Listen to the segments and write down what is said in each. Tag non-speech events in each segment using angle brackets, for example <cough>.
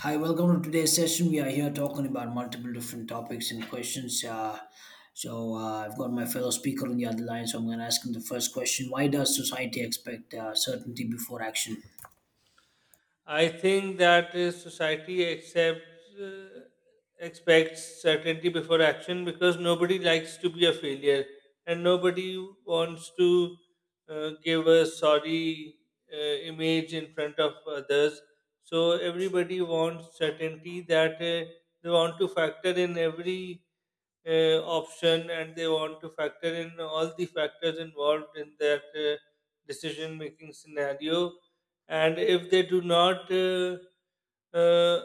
Hi, welcome to today's session. We are here talking about multiple different topics and questions. I've got my fellow speaker on the other line, so I'm going to ask him the first question. Why does society expect certainty before action? I think that society accepts expects certainty before action because nobody likes to be a failure and nobody wants to give a sorry image in front of others. So everybody wants certainty that they want to factor in every option and they want to factor in all the factors involved in that decision making scenario. And if they do not uh,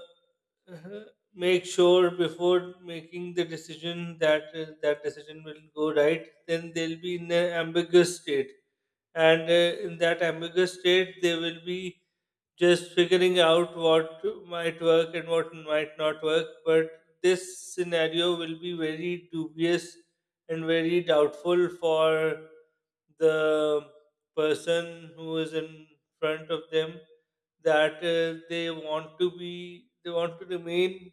<laughs> make sure before making the decision that that decision will go right, then they'll be in an ambiguous state. And in that ambiguous state, they will be just figuring out what might work and what might not work. But this scenario will be very dubious and very doubtful for the person who is in front of them that they they want to remain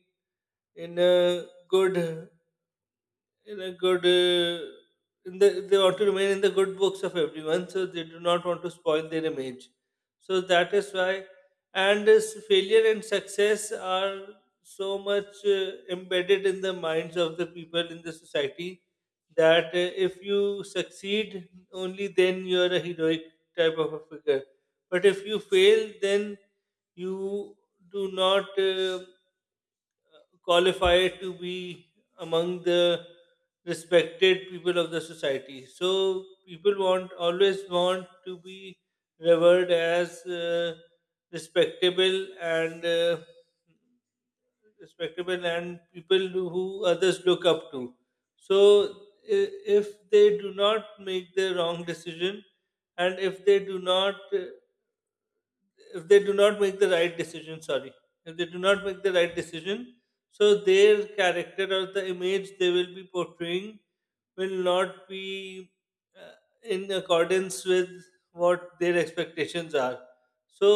in a good in a good in the they want to remain in the good books of everyone, so they do not want to spoil their image. So that is why, and this failure and success are so much embedded in the minds of the people in the society, that if you succeed, only then you are a heroic type of a figure, but if you fail, then you do not qualify to be among the respected people of the society. So people want always want to be revered as respectable and uh, respectable, and people who others look up to. So if they do not make the wrong decision, and if they do not if they do not make the right decision sorry if they do not make the right decision, so their character or the image they will be portraying will not be uh, in accordance with what their expectations are. So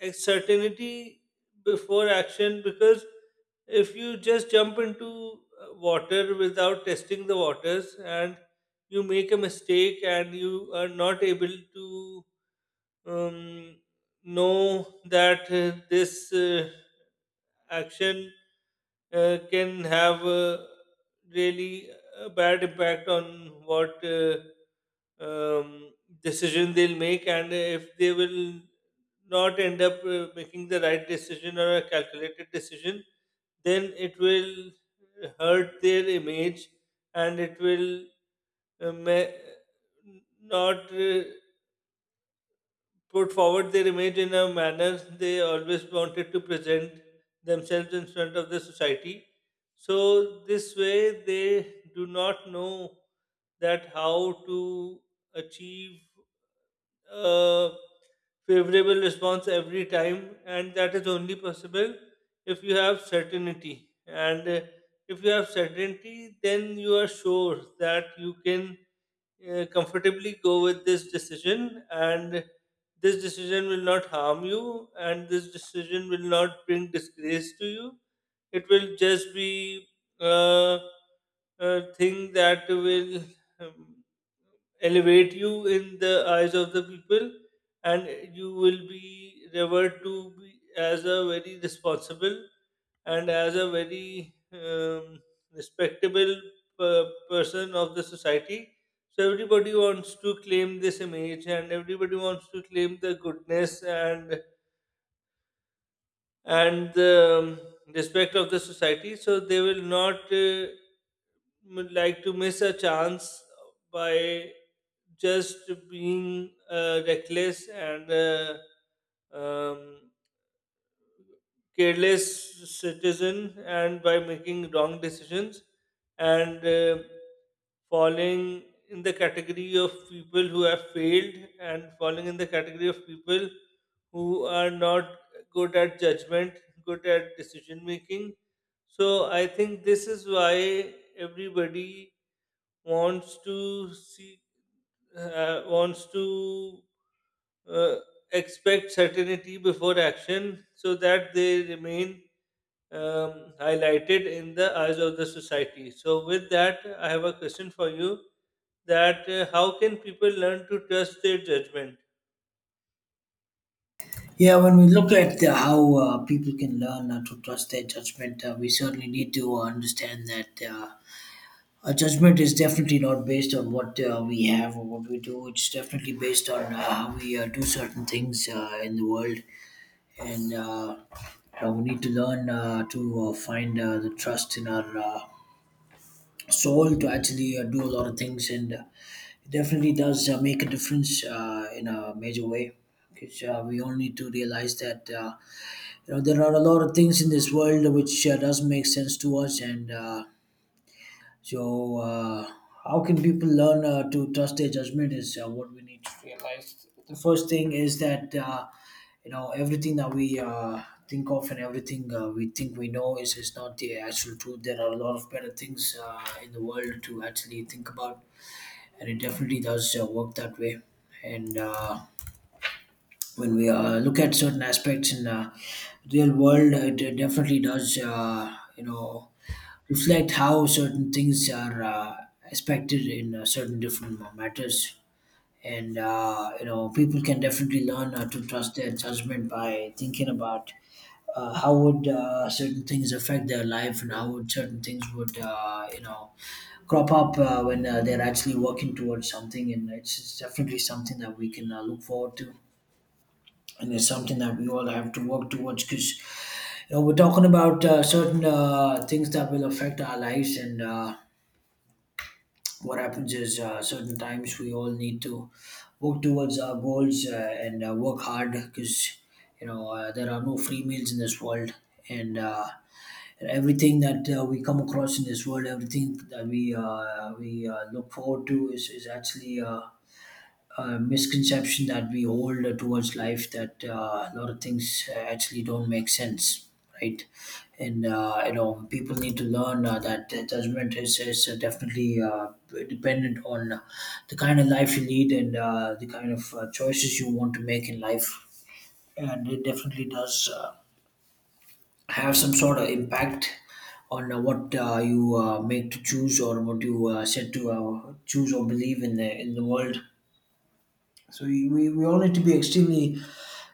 a certainty before action, because if you just jump into water without testing the waters, and you make a mistake and you are not able to um, know that this action can have really a bad impact on what um, decision they'll make, and if they will not end up making the right decision or a calculated decision, then it will hurt their image, and it will uh, ma- not put forward their image in a manner they always wanted to present themselves in front of the society. So, this way, they do not know that how to achieve a favorable response every time, and that is only possible if you have certainty. And if you have certainty, then you are sure that you can comfortably go with this decision, and this decision will not harm you, and this decision will not bring disgrace to you. It will just be uh, a thing that will um, elevate you in the eyes of the people, and you will be revered to be as a very responsible and as a very respectable person of the society. So everybody wants to claim this image, and everybody wants to claim the goodness and the um, respect of the society. So they will not like to miss a chance by just being reckless and um, careless citizen, and by making wrong decisions and falling in the category of people who have failed, and falling in the category of people who are not good at judgment, good at decision making. So I think this is why everybody wants to see wants to uh, expect certainty before action, so that they remain highlighted in the eyes of the society. So, with that, I have a question for you, that how can people learn to trust their judgment? Yeah, when we look at how people can learn to trust their judgment, we certainly need to understand that a judgment is definitely not based on what we have or what we do. It's definitely based on how we do certain things in the world and we need to learn to find the trust in our soul to actually do a lot of things, and it definitely does make a difference in a major way because we all need to realize that you know there are a lot of things in this world which doesn't make sense to us and so uh, how can people learn to trust their judgment is what we need to. The first thing is that you know everything that we think of, and everything we think we know is not the actual truth. There are a lot of better things in the world to actually think about, and it definitely does work that way. And when we look at certain aspects in real world, it definitely does you know reflect how certain things are expected in certain different matters. And you know people can definitely learn to trust their judgment by thinking about how would certain things affect their life, and how would certain things would you know crop up when they're actually working towards something, and it's definitely something that we can look forward to, and it's something that we all have to work towards because you know we're talking about certain things that will affect our lives. And what happens is certain times we all need to work towards our goals and work hard because you know there are no free meals in this world, and everything that we come across in this world, everything that we look forward to is actually misconception that we hold towards life, that a lot of things actually don't make sense, right? And you know, people need to learn that judgment is definitely dependent on the kind of life you lead, and the kind of choices you want to make in life, and it definitely does have some sort of impact on what you make to choose, or what you said to choose or believe in the world. So we all need to be extremely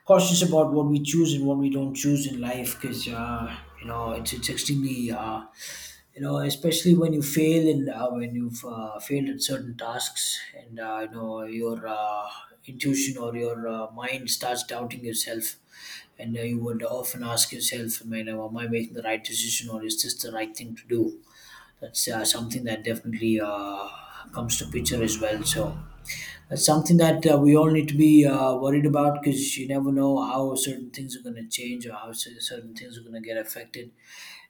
cautious about what we choose and what we don't choose in life because, you know, it's extremely, you know, especially when you fail, and when you've failed at certain tasks, and you know, your intuition or your mind starts doubting yourself. And you would often ask yourself, I mean, am I making the right decision, or is this the right thing to do? That's something that definitely comes to picture as well. So, that's something that we all need to be worried about, because you never know how certain things are going to change, or how certain things are going to get affected.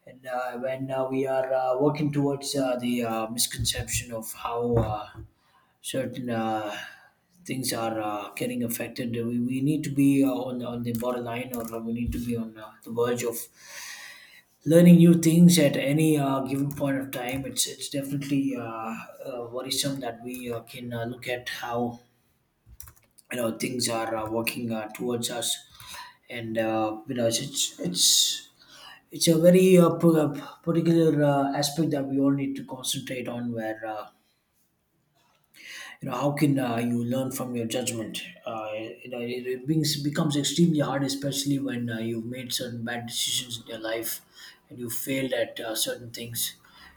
And when we are working towards the misconception of how certain things are getting affected, we need to be on the borderline, or we need to be on the verge of learning new things at any given point of time. It's definitely worrisome that we can look at how you know things are working towards us, and you know it's a very particular aspect that we all need to concentrate on, where you know how can you learn from your judgment. You know, it becomes extremely hard, especially when you've made certain bad decisions in your life and you failed at certain things.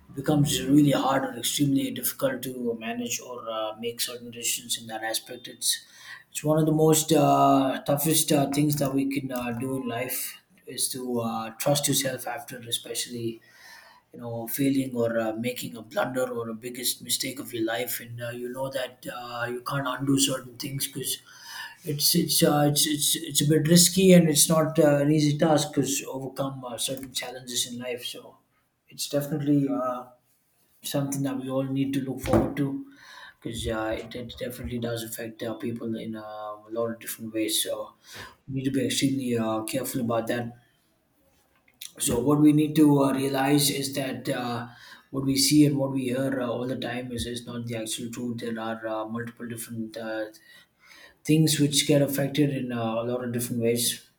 It becomes really hard or extremely difficult to manage or make certain decisions in that aspect. It's one of the most toughest things that we can do in life is to trust yourself, after especially you know failing or making a blunder or a biggest mistake of your life, and you know that you can't undo certain things, because it's a bit risky, and it's not an easy task because overcome certain challenges in life. So it's definitely something that we all need to look forward to, because it definitely does affect people in a lot of different ways. So we need to be extremely careful about that. So what we need to realize is that what we see and what we hear all the time is not the actual truth. There are multiple different things which get affected in a lot of different ways,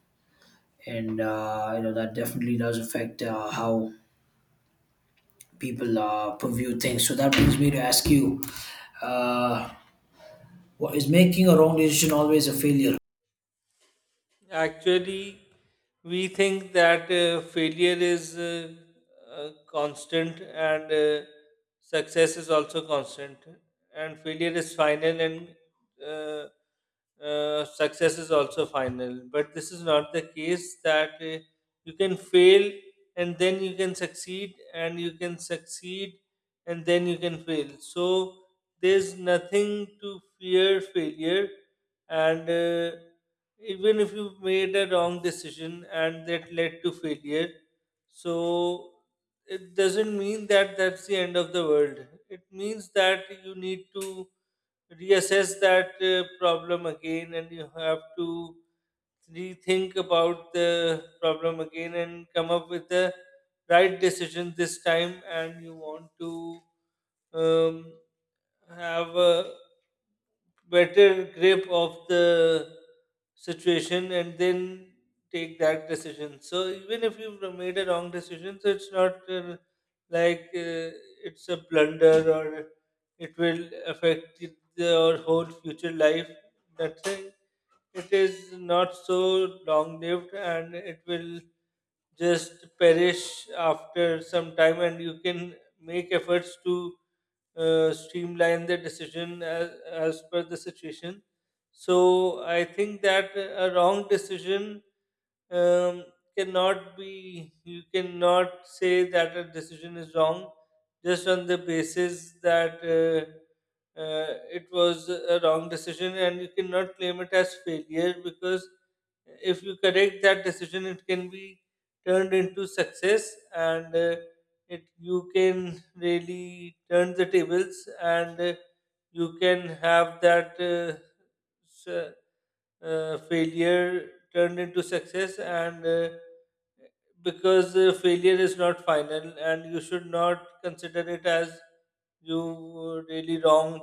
and you know that definitely does affect how people purview things. So that brings me to ask you, uh, what is making a wrong decision always a failure? Actually, we think that failure is constant and success is also constant, and failure is final and uh, success is also final. But this is not the case, that you can fail and then you can succeed, and you can succeed and then you can fail. So, there's nothing to fear failure, and even if you made a wrong decision and that led to failure, so it doesn't mean that that's the end of the world. It means that you need to reassess that problem again, and you have to rethink about the problem again and come up with the right decision this time, and you want to um, have a better grip of the situation, and then take that decision. So even if you've made a wrong decision, so it's not like uh, it's a blunder, or it will affect your whole future life. Nothing. It is not so long lived, and it will just perish after some time, and you can make efforts to streamline the decision as per the situation. So I think that a wrong decision, um, cannot be you cannot say that a decision is wrong just on the basis that uh, it was a wrong decision, and you cannot claim it as failure, because if you correct that decision, it can be turned into success. And it, you can really turn the tables, and you can have that s- failure turned into success. And because failure is not final, and you should not consider it as you were really wrong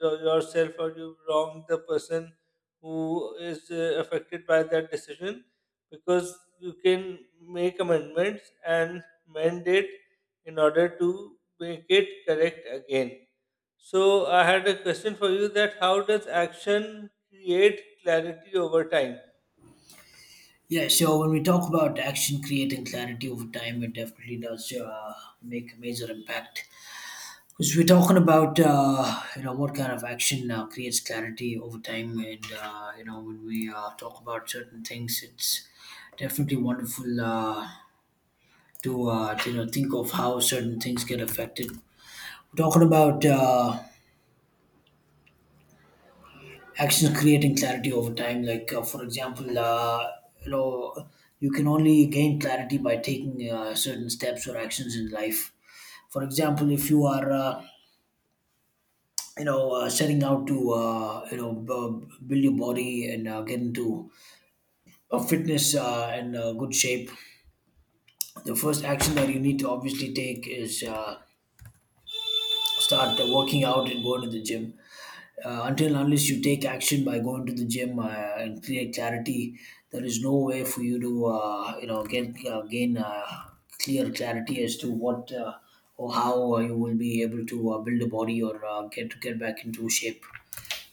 yourself, or you wrong the person who is affected by that decision, because you can make amendments and mend it in order to make it correct again. So I had a question for you, that how does action create clarity over time? Yeah, so when we talk about action creating clarity over time, it definitely does make a major impact. Because we're talking about you know what kind of action creates clarity over time, and you know when we talk about certain things, it's definitely wonderful to you know think of how certain things get affected. We're talking about actions creating clarity over time. Like for example, you know you can only gain clarity by taking certain steps or actions in life. For example, if you are you know setting out to you know build your body and get into a fitness and good shape, the first action that you need to obviously take is start working out and going to the gym. Until and unless you take action by going to the gym and create clarity, there is no way for you to you know get gain clear clarity as to what or how you will be able to build a body or get back into shape.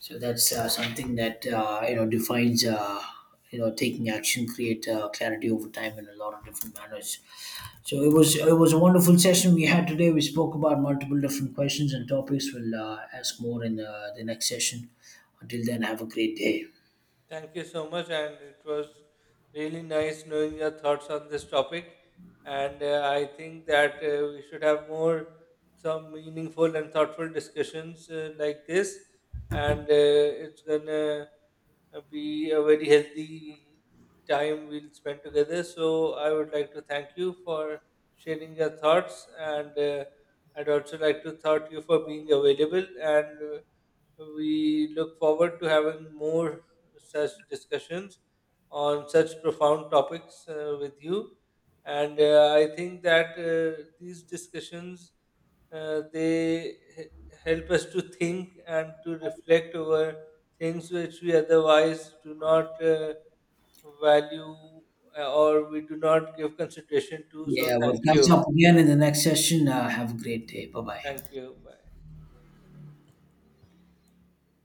So that's something that you know defines you know taking action, create clarity over time in a lot of different manners. So it was a wonderful session we had today. We spoke about multiple different questions and topics. We'll ask more in the next session. Until then, have a great day. Thank you so much, and it was really nice knowing your thoughts on this topic. And I think that we should have more some meaningful and thoughtful discussions like this. And it's gonna be a very healthy time we'll spend together. So I would like to thank you for sharing your thoughts, and I'd also like to thank you for being available. And we look forward to having more such discussions on such profound topics with you. And I think that these discussions uh, they h- help us to think and to reflect over things which we otherwise do not value or we do not give consideration to. So, Yeah, we'll thank catch you. up again in the next session. Have a great day. Bye bye. Thank you. Bye.